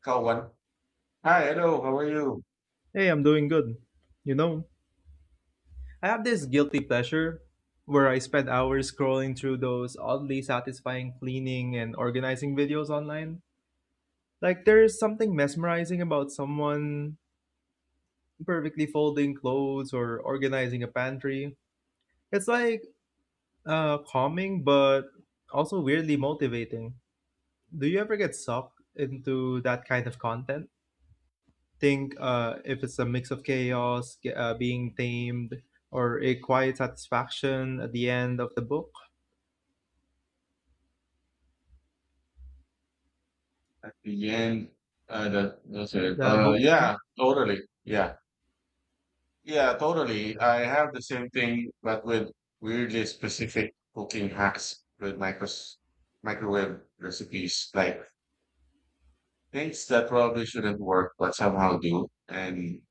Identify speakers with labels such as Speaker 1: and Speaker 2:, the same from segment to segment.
Speaker 1: Kawan. Hi, hello, how are you?
Speaker 2: Hey, I'm doing good. You know, I have this guilty pleasure where I spend hours scrolling through those oddly satisfying cleaning and organizing videos online. Like, there's something mesmerizing about someone perfectly folding clothes or organizing a pantry. It's like calming, but also weirdly motivating. Do you ever get sucked into that kind of content? Think if it's a mix of chaos being tamed or a quiet satisfaction at the end of the book
Speaker 1: Again, that's it.
Speaker 2: that
Speaker 1: Uh,
Speaker 2: hooks me.
Speaker 1: yeah, totally. Yeah, yeah, totally. I have the same thing, but with weirdly specific cooking hacks with micros microwave recipes, like things that probably shouldn't work, but somehow do. And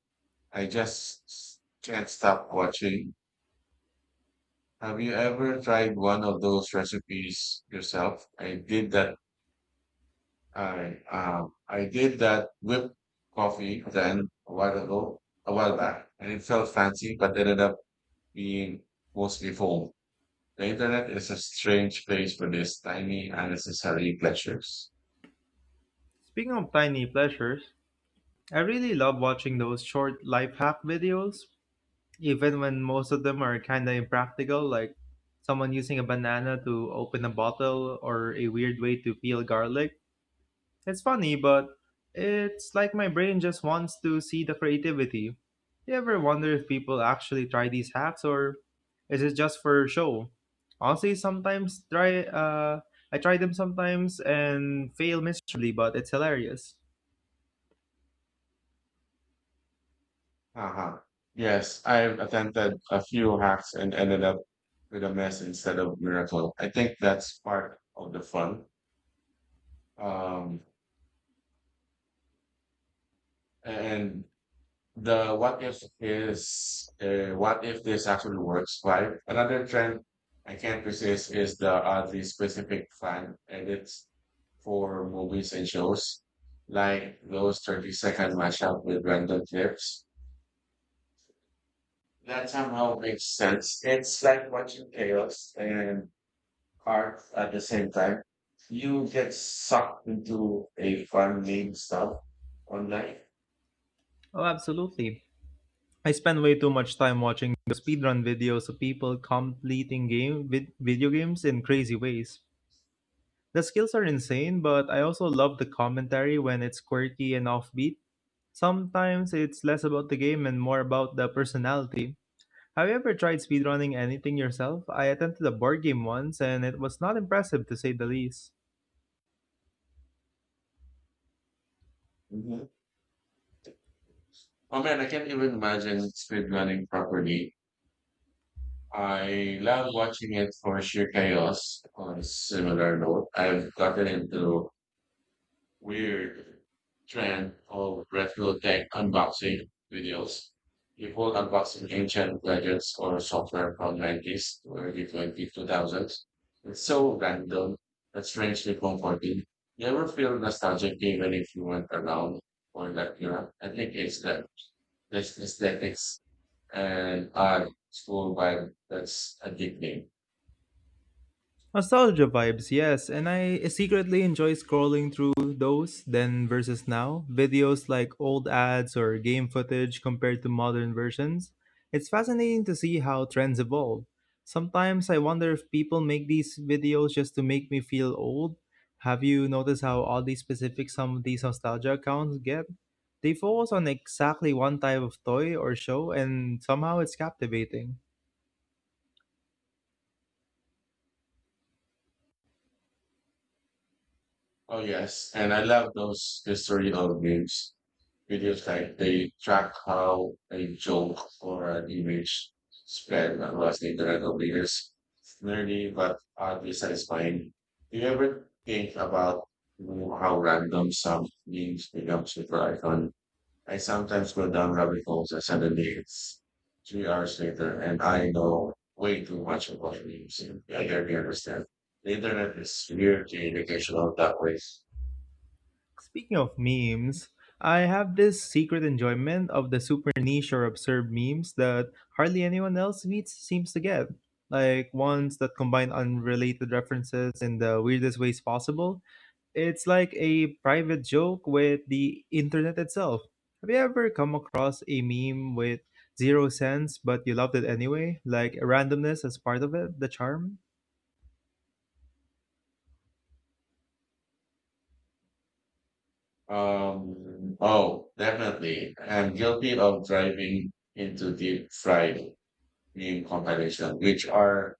Speaker 1: I can't stop watching. Have you ever tried one of those recipes yourself? I did that whipped coffee then a while back, and it felt fancy, but ended up being mostly foam. The internet is a strange place for these tiny unnecessary pleasures.
Speaker 2: Speaking of tiny pleasures, I really love watching those short life hack videos, even when most of them are kind of impractical, like someone using a banana to open a bottle or a weird way to peel garlic. It's funny, but it's like my brain just wants to see the creativity. You ever wonder if people actually try these hacks or is it just for show? Honestly, sometimes try I try them sometimes and fail miserably, but it's hilarious.
Speaker 1: Uh-huh. Yes, I've attempted a few hacks and ended up with a mess instead of miracle. I think that's part of the fun. Um, and the what if is, what if this actually works vibe. Another trend I can't resist is the oddly specific fan edits for movies and shows, like those 30-second mashup with random clips. That somehow makes sense. It's like watching chaos and art at the same time. You get sucked into a fun meme stuff online.
Speaker 2: Oh, absolutely. I spend way too much time watching the speedrun videos of people completing video games in crazy ways. The skills are insane, but I also love the commentary when it's quirky and offbeat. Sometimes it's less about the game and more about the personality. Have you ever tried speedrunning anything yourself? I attempted a board game once and it was not impressive to say the least.
Speaker 1: Mhm. Oh man, I can't even imagine speedrunning properly. I love watching it for sheer chaos. On a similar note, I've gotten into weird trend of retro tech unboxing videos. People unboxing ancient gadgets or software from 90s to early 2000s. It's so random and strangely comforting. You ever feel nostalgic even if you weren't around for that era? I think it's the this aesthetics and art school vibe that's addicting.
Speaker 2: Nostalgia vibes, yes, and I secretly enjoy scrolling through those then versus now videos like old ads or game footage compared to modern versions. It's fascinating to see how trends evolve. Sometimes I wonder if people make these videos just to make me feel old. Have you noticed how oddly specific some of these nostalgia accounts get? They focus on exactly one type of toy or show, and somehow it's captivating.
Speaker 1: Oh yes, and I love those historical games. Videos like they track how a joke or an image spread across the internet over years. It's nerdy but oddly satisfying. Do you ever think about how random some memes become super icon? I sometimes go down rabbit holes and suddenly it's 3 hours later and I know way too much about memes. I barely understand. The internet is weird and educational that way.
Speaker 2: Speaking of memes, I have this secret enjoyment of the super niche or absurd memes that hardly anyone else meets seems to get. Like ones that combine unrelated references in the weirdest ways possible. It's like a private joke with the internet itself. Have you ever come across a meme with zero sense but you loved it anyway? Like randomness as part of it, the charm?
Speaker 1: Oh, definitely. I'm guilty of driving into deep fried meme compilation, which are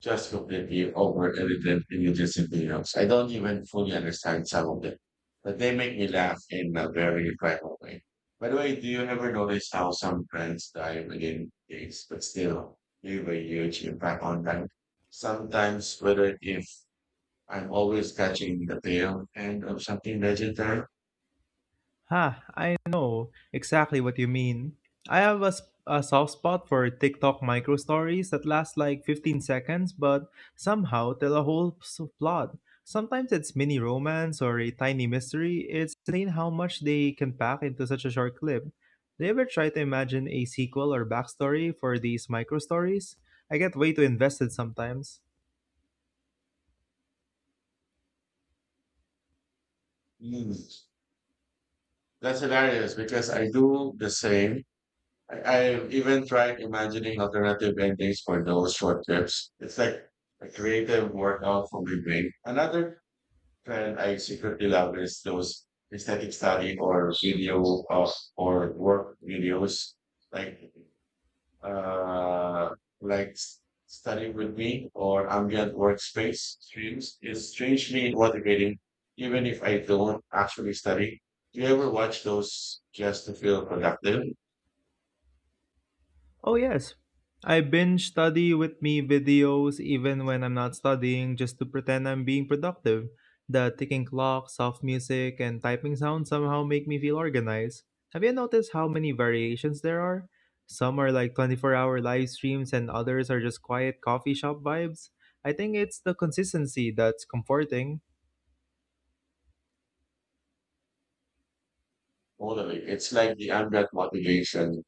Speaker 1: just completely over edited images and videos. I don't even fully understand some of them, but they make me laugh in a very private way. By the way, do you ever notice how some trends die within days, but still leave a huge impact on them? Sometimes, whether if I'm always catching the tail end of something legendary.
Speaker 2: Ha, I know exactly what you mean. I have a, s- a soft spot for TikTok micro stories that last like 15 seconds but somehow tell a plot. Sometimes it's mini romance or a tiny mystery. It's insane how much they can pack into such a short clip. Do you ever try to imagine a sequel or backstory for these micro stories? I get way too invested sometimes.
Speaker 1: Mm. That's hilarious because I do the same. I, I even tried imagining alternative endings for those short trips. It's like a creative workout for my brain. Another trend I secretly love is those aesthetic study or video of or work videos. Like uh, like studying with me or ambient workspace streams is strangely motivating, even if I don't actually study. Do you ever watch those just to feel productive?
Speaker 2: Oh, yes. I binge study with me videos even when I'm not studying just to pretend I'm being productive. The ticking clock, soft music, and typing sound somehow make me feel organized. Have you noticed how many variations there are? Some are like 24-hour live streams, and others are just quiet coffee shop vibes. I think it's the consistency that's comforting.
Speaker 1: Totally. It's like the ambient motivation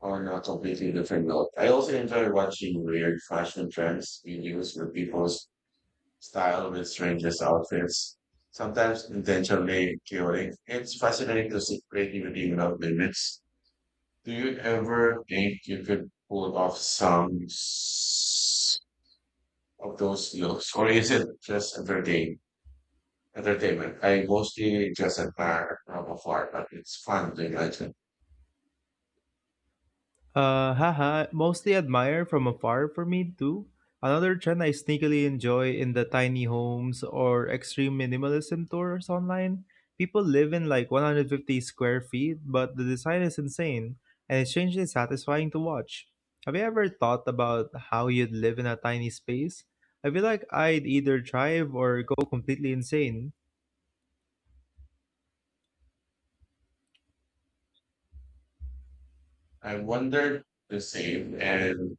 Speaker 1: on a completely different note. I also enjoy watching weird fashion trends videos where people's style with strangest outfits, sometimes intentionally chaotic. It's fascinating to see creativity without limits. Do you ever think you could pull off some of those looks, or is it just entertainment? I mostly just admire from afar, but it's fun to imagine.
Speaker 2: Mostly admire from afar for me too. Another trend I sneakily enjoy in the tiny homes or extreme minimalism tours online. People live in like 150 square feet, but the design is insane and it's strangely satisfying to watch. Have you ever thought about how you'd live in a tiny space? I feel like I'd either thrive or go completely insane.
Speaker 1: I wondered the same, and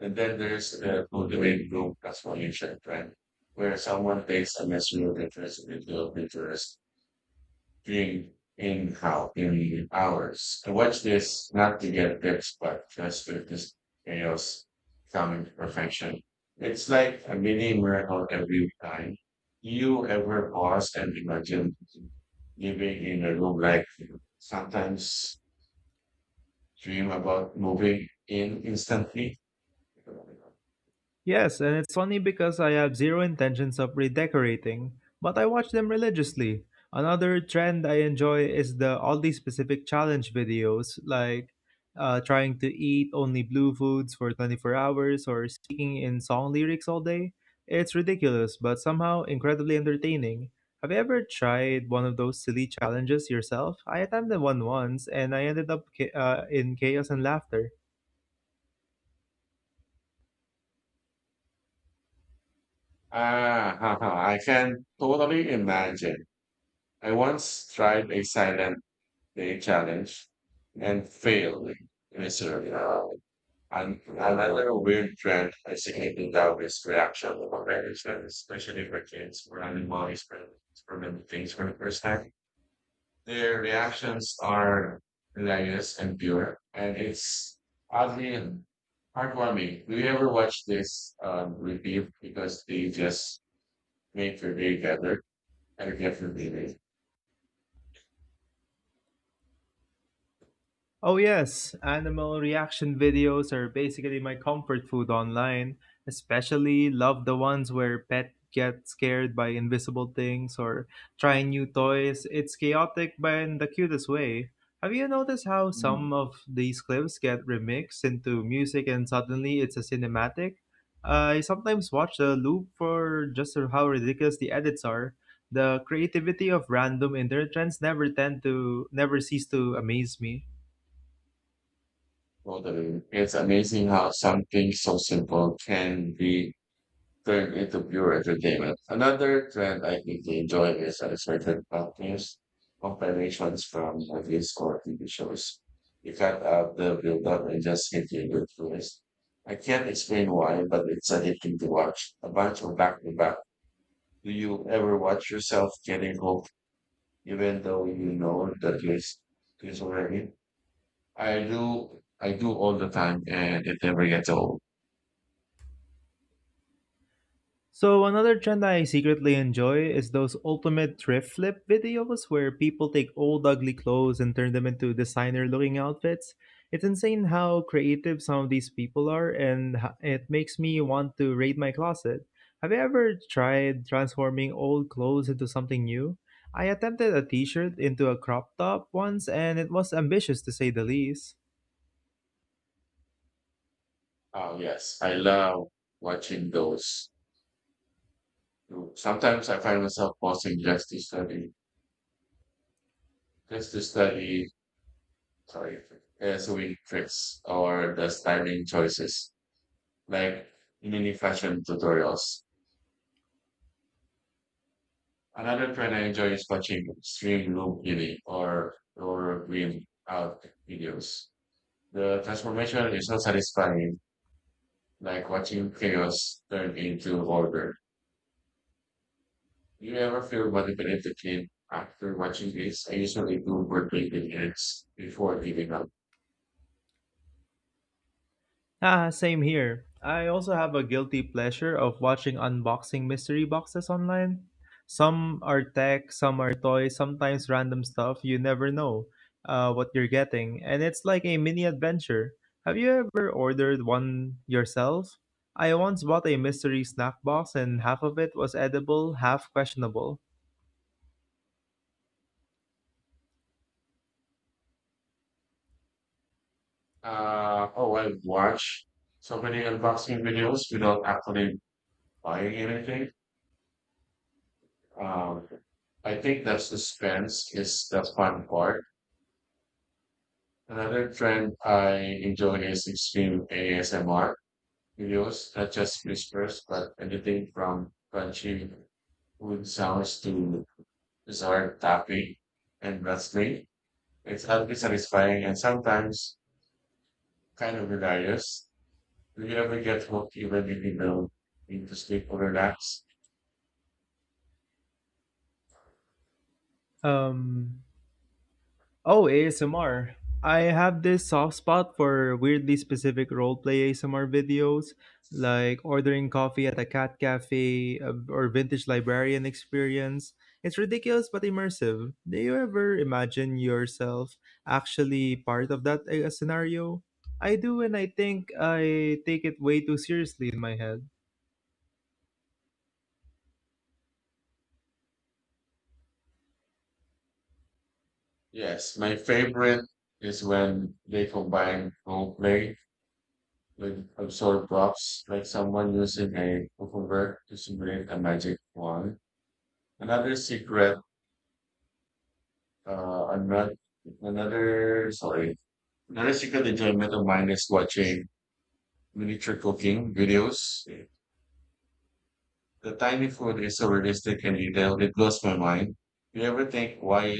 Speaker 1: then there's the motivating group transformation trend, where someone takes a measure of interest into a picture doing in how in hours. I watch this not to get tips, but just to this chaos coming to perfection. It's like a mini miracle every time. You ever pause and imagine living in a room like sometimes dream about moving in instantly?
Speaker 2: Yes, and it's funny because I have zero intentions of redecorating, but I watch them religiously. Another trend I enjoy is the oddly specific challenge videos, like trying to eat only blue foods for 24 hours or speaking in song lyrics all day. It's ridiculous, but somehow incredibly entertaining. Have you ever tried one of those silly challenges yourself? I attempted one once and I ended up in chaos and laughter.
Speaker 1: Ah, haha, I can totally imagine. I once tried a silent they challenge and fail miserably. And another weird trend is significant that is reaction of management, especially for kids who are animal experimenting things for the first time. Their reactions are hilarious and pure, and it's oddly heartwarming. Do you ever watch this repeat because they just make your day better and get your day?
Speaker 2: Oh, yes, animal reaction videos are basically my comfort food online. Especially love the ones where pet get scared by invisible things or try new toys. It's chaotic but in the cutest way. Have you noticed how some of these clips get remixed into music and suddenly it's a cinematic? I sometimes watch the loop for just how ridiculous the edits are. The creativity of random internet trends never tend to never cease to amaze me.
Speaker 1: Totally. It's amazing how something so simple can be turned into pure entertainment. Another trend I really enjoy is unexpected companies, combinations from movies or TV shows. You cut out the build-up and just hit you with twist. I can't explain why, but it's a hit thing to watch. A bunch of back-to-back. Do you ever watch yourself getting hooked, even though you know the twist is already. I do, all the time and it never gets old.
Speaker 2: So another trend I secretly enjoy is those ultimate thrift flip videos where people take old ugly clothes and turn them into designer looking outfits. It's insane how creative some of these people are and it makes me want to raid my closet. Have you ever tried transforming old clothes into something new? I attempted a t-shirt into a crop top once and it was ambitious to say the least.
Speaker 1: Oh, yes. I love watching those. Sometimes I find myself pausing just to study, sorry, sewing tricks or the styling choices, like mini fashion tutorials. Another trend I enjoy is watching extreme look beauty or green out videos. The transformation is so satisfying, like watching chaos turn into order. Do you ever feel manipulated after watching this? I usually do for 20 minutes before giving up.
Speaker 2: Ah, same here. I also have a guilty pleasure of watching unboxing mystery boxes online. Some are tech, some are toys, sometimes random stuff. You never know what you're getting, and it's like a mini adventure. Have you ever ordered one yourself? I once bought a mystery snack box, and half of it was edible, half questionable.
Speaker 1: Oh, I've watched so many unboxing videos without actually buying anything. Um, I think that suspense is the fun part. Another trend I enjoy is extreme ASMR videos, not just whispers, but anything from crunchy food sounds to bizarre tapping and wrestling. It's healthy, satisfying, and sometimes kind of hilarious. Do you ever get hooked even if you don't need to sleep or relax?
Speaker 2: Um, Oh, ASMR. I have this soft spot for weirdly specific roleplay ASMR videos, like ordering coffee at a cat cafe or vintage librarian experience. It's ridiculous but immersive. Do you ever imagine yourself actually part of that scenario? I do, and I think I take it way too seriously in my head.
Speaker 1: Yes, my favorite is when they combine role play with absurd props, like someone using a cucumber to simulate a magic wand. Another secret, another, another, sorry, Another secret enjoyment of mine is watching miniature cooking videos. The time before is so realistic and detailed, it blows my mind. Do you ever think why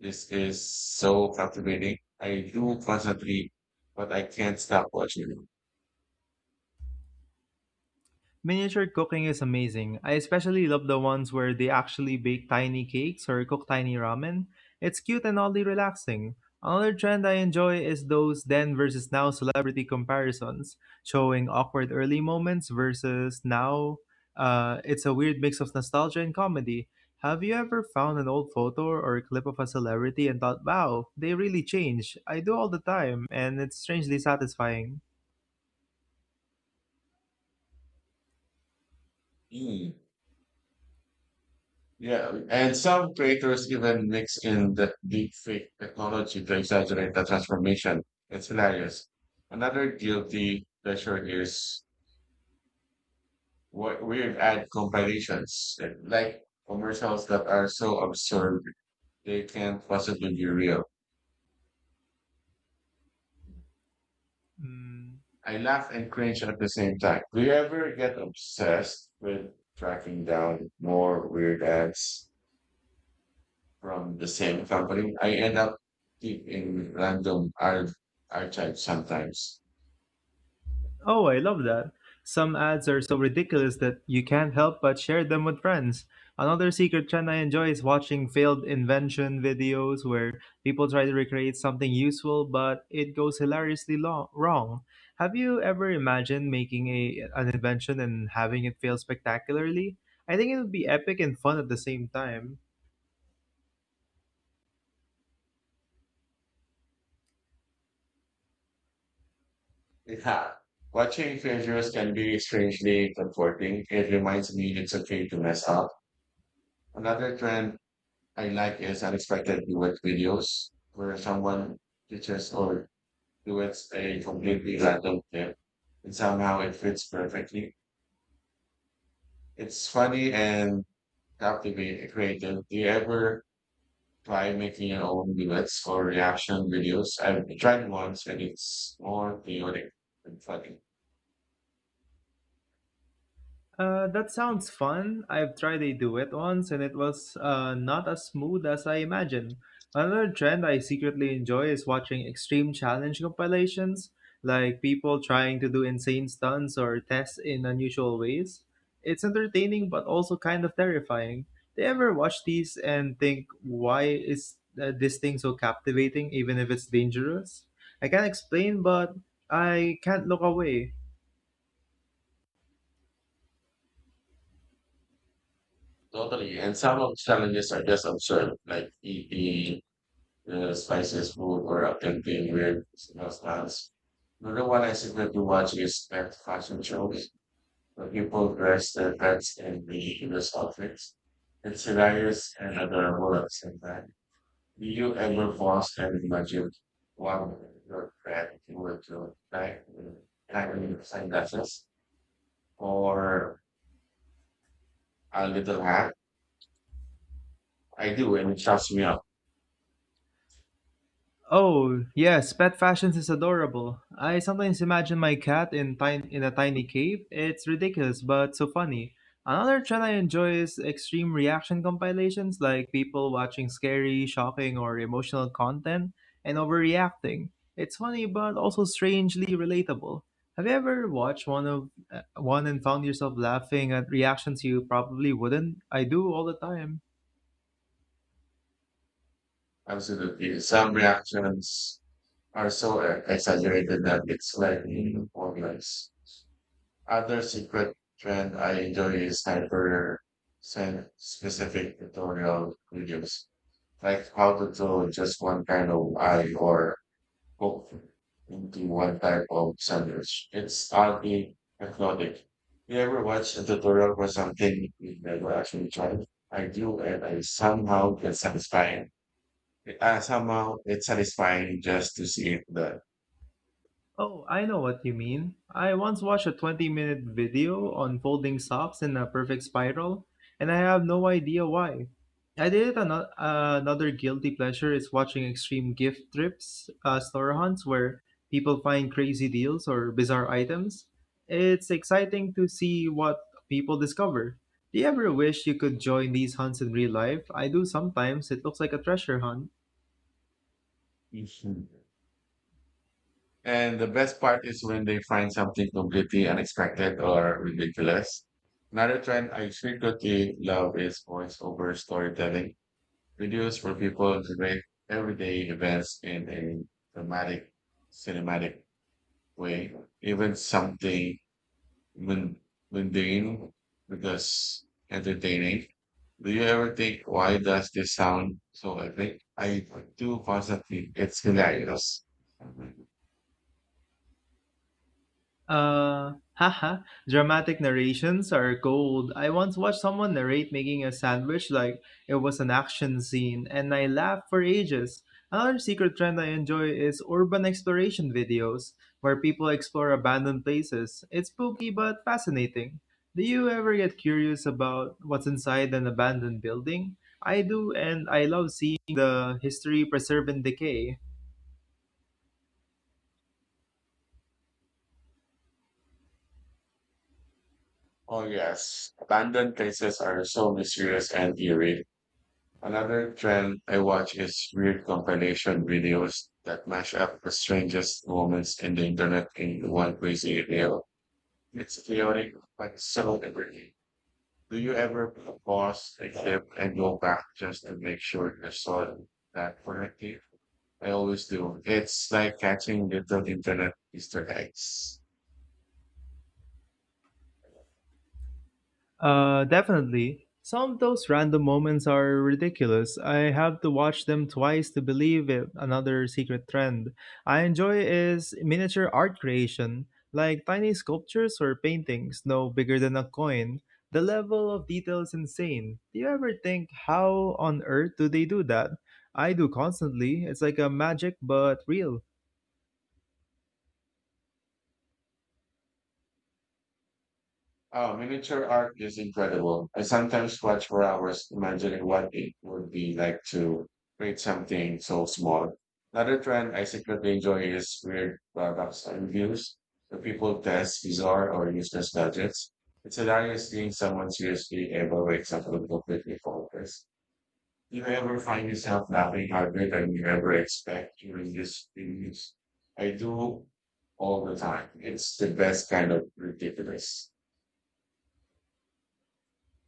Speaker 1: this is so captivating? I do constantly, but I can't stop watching it.
Speaker 2: Miniature cooking is amazing. I especially love the ones where they actually bake tiny cakes or cook tiny ramen. It's cute and oddly relaxing. Another trend I enjoy is those then versus now celebrity comparisons, showing awkward early moments versus now. It's a weird mix of nostalgia and comedy. Have you ever found an old photo or a clip of a celebrity and thought, wow, they really changed? I do all the time, and it's strangely satisfying.
Speaker 1: Hmm. Yeah, and some creators even mix in the deep fake technology to exaggerate the transformation. It's hilarious. Another guilty pleasure is what weird ad compilations, like commercials that are so absurd they can't possibly be real.
Speaker 2: Mm.
Speaker 1: I laugh and cringe at the same time. Do you ever get obsessed with tracking down more weird ads from the same company? I end up deep in random archives sometimes.
Speaker 2: Oh, I love that. Some ads are so ridiculous that you can't help but share them with friends. Another secret trend I enjoy is watching failed invention videos where people try to recreate something useful but it goes wrong. Have you ever imagined making a an invention and having it fail spectacularly? I think it would be epic and fun at the same time.
Speaker 1: Yeah. Watching treasures can be strangely comforting. It reminds me it's okay to mess up. Another trend I like is unexpected duet videos where someone teaches or duets a completely random tip and somehow it fits perfectly. It's funny and captivating creative. Do you ever try making your own duets or reaction videos? I've tried once and it's more chaotic and funny.
Speaker 2: That sounds fun. I've tried a duet once and it was not as smooth as I imagined. Another trend I secretly enjoy is watching extreme challenge compilations, like people trying to do insane stunts or tests in unusual ways. It's entertaining but also kind of terrifying. Do you ever watch these and think, why is this thing so captivating even if it's dangerous? I can't explain, but I can't look away.
Speaker 1: Totally. And some of the challenges are just absurd, like eating the spices food or attempting weird smell styles. Another one I secretly watch is pet fashion shows where people dress their pets in ridiculous outfits. It's hilarious and adorable at the same time. Do you ever pause and imagine what your friend would do, like having sunglasses or a little hat? I do, and it shuts me up.
Speaker 2: Oh, yes, pet fashions is adorable. I sometimes imagine my cat in in a tiny cave. It's ridiculous, but so funny. Another trend I enjoy is extreme reaction compilations, like people watching scary, shocking, or emotional content and overreacting. It's funny, but also strangely relatable. Have you ever watched one and found yourself laughing at reactions you probably wouldn't? I do all the time.
Speaker 1: Absolutely. Some reactions are so exaggerated that it's like formless. Other secret trend I enjoy is hyper specific tutorial videos, like how to do just one kind of eye or go into one type of sandwich. It's oddly hypnotic. You ever watch a tutorial for something you never actually tried? I do, and I somehow get satisfying. Somehow it's satisfying just to see it done.
Speaker 2: Oh, I know what you mean. I once watched a 20-minute video on folding socks in a perfect spiral, and I have no idea why. I did it another guilty pleasure is watching extreme gift trips, store hunts where people find crazy deals or bizarre items. It's exciting to see what people discover. Do you ever wish you could join these hunts in real life? I do sometimes. It looks like a treasure hunt.
Speaker 1: Mhm. And the best part is when they find something completely unexpected or ridiculous. Another trend I secretly love is voiceover storytelling videos for people to make everyday events in a dramatic, cinematic way, even something mun- mundane because entertaining. Do you ever think why does this sound so epic? I do constantly. It's hilarious.
Speaker 2: Uh, haha, Dramatic narrations are gold. I once watched someone narrate making a sandwich like it was an action scene, and I laughed for ages. Another secret trend I enjoy is urban exploration videos, where people explore abandoned places. It's spooky but fascinating. Do you ever get curious about what's inside an abandoned building? I do, and I love seeing the history preserved in decay.
Speaker 1: Oh yes, abandoned places are so mysterious and eerie. Another trend I watch is weird compilation videos that mash up the strangest moments in the internet into one crazy reel. It's chaotic, but it's so liberating. Do you ever pause a clip and go back just to make sure you saw that correctly? I always do. It's like catching little internet Easter eggs.
Speaker 2: Definitely. Some of those random moments are ridiculous. I have to watch them twice to believe it. Another secret trend I enjoy is miniature art creation, like tiny sculptures or paintings no bigger than a coin. The level of detail is insane. Do you ever think, how on earth do they do that? I do constantly. It's like a magic, but real.
Speaker 1: Oh, miniature art is incredible. I sometimes watch for hours imagining what it would be like to create something so small. Another trend I secretly enjoy is weird products and reviews where people test bizarre or useless gadgets. It's hilarious seeing someone seriously evaluate something completely faultless. Do you ever find yourself laughing harder than you ever expect during these reviews? I do all the time. It's the best kind of ridiculous.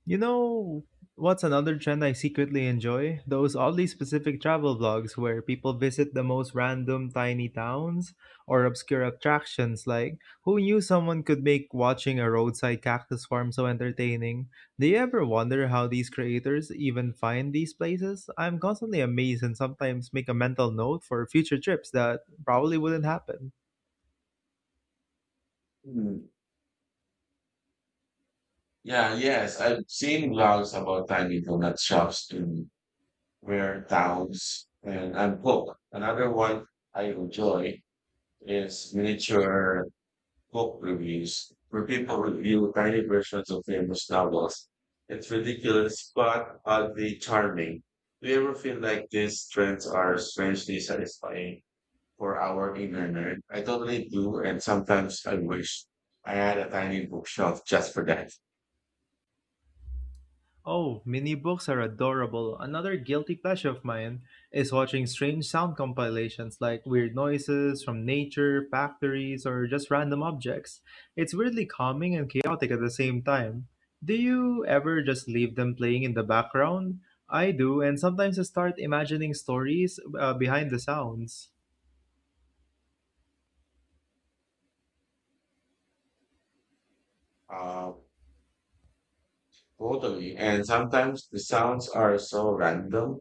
Speaker 2: You know, what's another trend I secretly enjoy? Those oddly specific travel vlogs where people visit the most random tiny towns or obscure attractions. Like, who knew someone could make watching a roadside cactus farm so entertaining? Do you ever wonder how these creators even find these places? I'm constantly amazed and sometimes make a mental note for future trips that probably wouldn't happen.
Speaker 1: Hmm. Yeah, yes, I've seen blogs about tiny donut shops in rare towns and book. Another one I enjoy is miniature book reviews where people review tiny versions of famous novels. It's ridiculous but oddly charming. Do you ever feel like these trends are strangely satisfying for our inner nerd? I totally do, and sometimes I wish I had a tiny bookshelf just for that.
Speaker 2: Oh, mini books are adorable. Another guilty pleasure of mine is watching strange sound compilations like weird noises from nature, factories, or just random objects. It's weirdly calming and chaotic at the same time. Do you ever just leave them playing in the background? I do, and sometimes I start imagining stories behind the sounds.
Speaker 1: Uh, Totally. And sometimes the sounds are so random,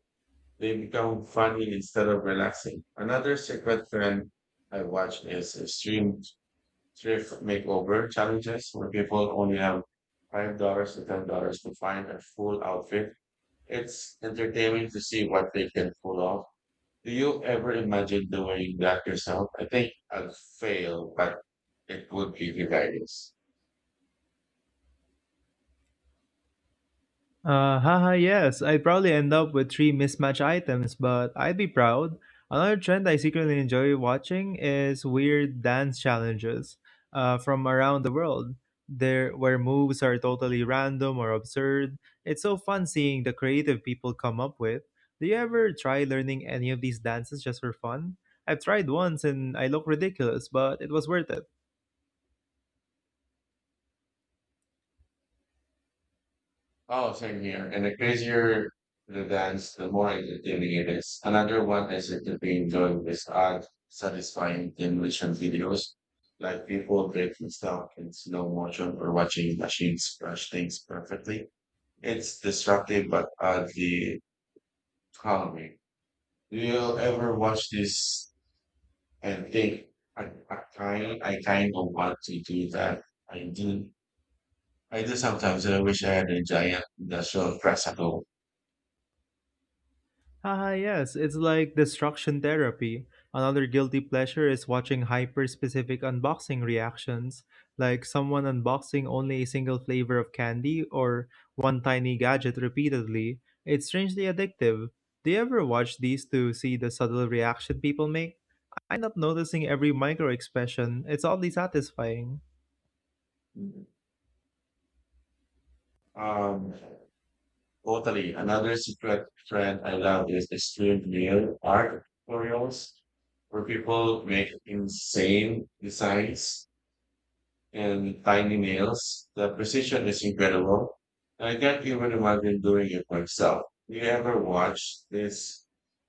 Speaker 1: they become funny instead of relaxing. Another secret trend I watch is stream thrift makeover challenges where people only have $5 to $10 to find a full outfit. It's entertaining to see what they can pull off. Do you ever imagine doing that yourself? I think I'll fail, but it would be hilarious.
Speaker 2: Yes, I'd probably end up with three mismatched items, but I'd be proud. Another trend I secretly enjoy watching is weird dance challenges from around the world. There, where moves are totally random or absurd. It's so fun seeing the creative people come up with. Do you ever try learning any of these dances just for fun? I've tried once and I look ridiculous, but it was worth it.
Speaker 1: Oh, same here. And the crazier the dance, the more entertaining it is. Another one I seem to be enjoying is art satisfying demolition videos, like people breaking stuff in slow motion or watching machines crush things perfectly. It's disruptive but oddly calming. Do you ever watch this and think, I kind of want to do that? I do. I do sometimes, and I wish I had a giant industrial press at home.
Speaker 2: Ah, yes, it's like destruction therapy. Another guilty pleasure is watching hyper specific unboxing reactions, like someone unboxing only a single flavor of candy or one tiny gadget repeatedly. It's strangely addictive. Do you ever watch these to see the subtle reaction people make? I end up noticing every micro expression. It's oddly satisfying.
Speaker 1: Um, totally. Another secret trend I love is extreme nail art tutorials where people make insane designs and tiny nails. The precision is incredible. I can't even imagine doing it myself. Do you ever watch this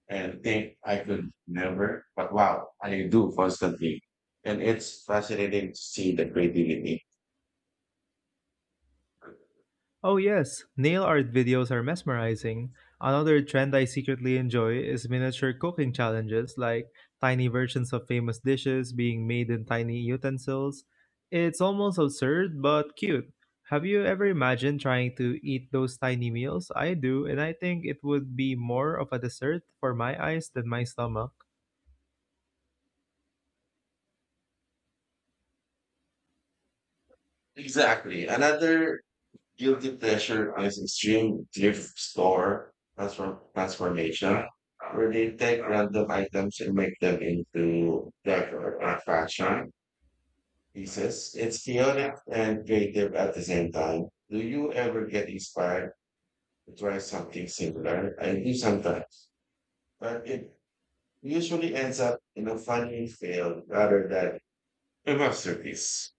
Speaker 1: and think I could never? But wow, I do constantly. And it's fascinating to see the creativity.
Speaker 2: Oh, yes, nail art videos are mesmerizing. Another trend I secretly enjoy is miniature cooking challenges, like tiny versions of famous dishes being made in tiny utensils. It's almost absurd, but cute. Have you ever imagined trying to eat those tiny meals? I do, and I think it would be more of a dessert for my eyes than my stomach.
Speaker 1: Exactly. Another guilty pleasure is extreme thrift store transformation where they take random items and make them into decor or fashion pieces. It's chaotic and creative at the same time. Do you ever get inspired to try something similar? I do sometimes, but it usually ends up in a funny fail rather than a masterpiece.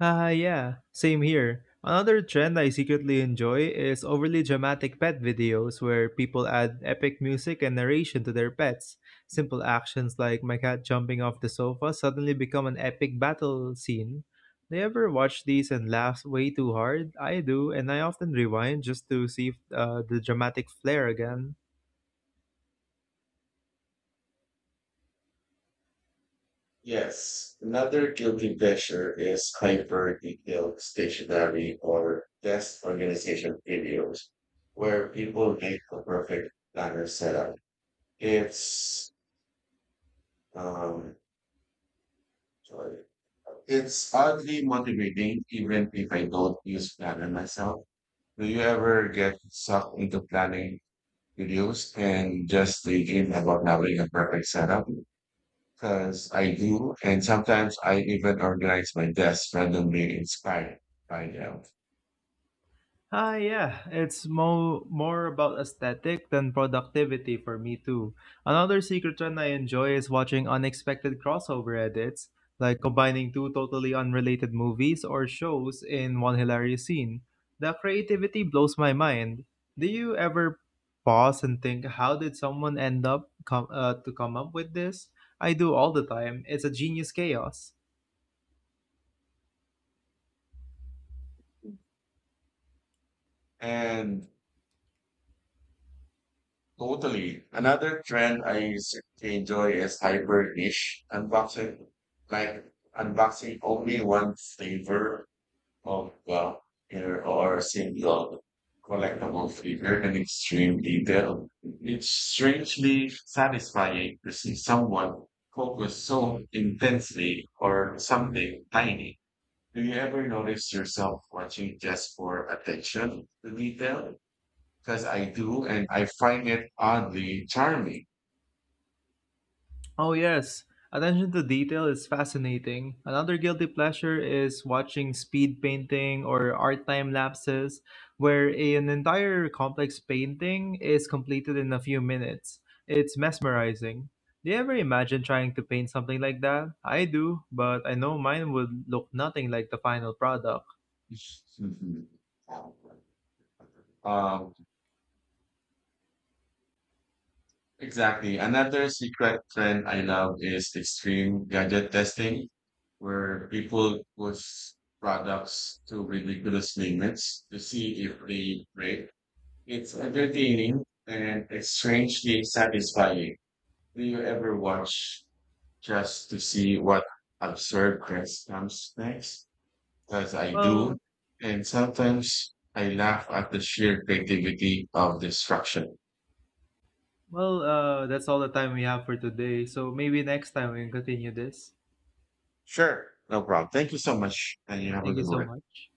Speaker 2: Haha, yeah, same here. Another trend I secretly enjoy is overly dramatic pet videos where people add epic music and narration to their pets. Simple actions like my cat jumping off the sofa suddenly become an epic battle scene. Do you ever watch these and laugh way too hard? I do, and I often rewind just to see the dramatic flair again.
Speaker 1: Yes, another guilty pleasure is hyper detailed stationery or desk organization videos where people make the perfect planner setup. It's um sorry. It's oddly motivating even if I don't use planner myself. Do you ever get sucked into planning videos and just thinking about having a perfect setup? Because I do, and sometimes I even organize my desk randomly inspired by them.
Speaker 2: Ah, yeah, it's more about aesthetic than productivity for me too. Another secret trend I enjoy is watching unexpected crossover edits, like combining two totally unrelated movies or shows in one hilarious scene. The creativity blows my mind. Do you ever pause and think, how did someone to come up with this? I do all the time. It's a genius chaos.
Speaker 1: And totally, another trend I enjoy is hybrid dish unboxing, like unboxing only one flavor of well, here or single collectible figure in extreme detail. It's strangely satisfying to see someone focus so intensely or something tiny. Do you ever notice yourself watching just for attention to detail? Because I do, and I find it oddly charming.
Speaker 2: Oh, yes. Attention to detail is fascinating. Another guilty pleasure is watching speed painting or art time lapses, where an entire complex painting is completed in a few minutes. It's mesmerizing. Do you ever imagine trying to paint something like that? I do, but I know mine would look nothing like the final product.
Speaker 1: Mhm. Um, exactly. Another secret trend I love is extreme gadget testing, where people push products to ridiculous limits to see if they break. It's entertaining and it's strangely satisfying. Do you ever watch just to see what absurd quest comes next, because I do.
Speaker 2: Well,
Speaker 1: And sometimes I laugh at the sheer creativity of destruction.
Speaker 2: well, that's all the time we have for today. So maybe next time we can continue this.
Speaker 1: Sure, no problem. Thank you so much, and you have a
Speaker 2: Thank you
Speaker 1: good
Speaker 2: so
Speaker 1: one.
Speaker 2: much.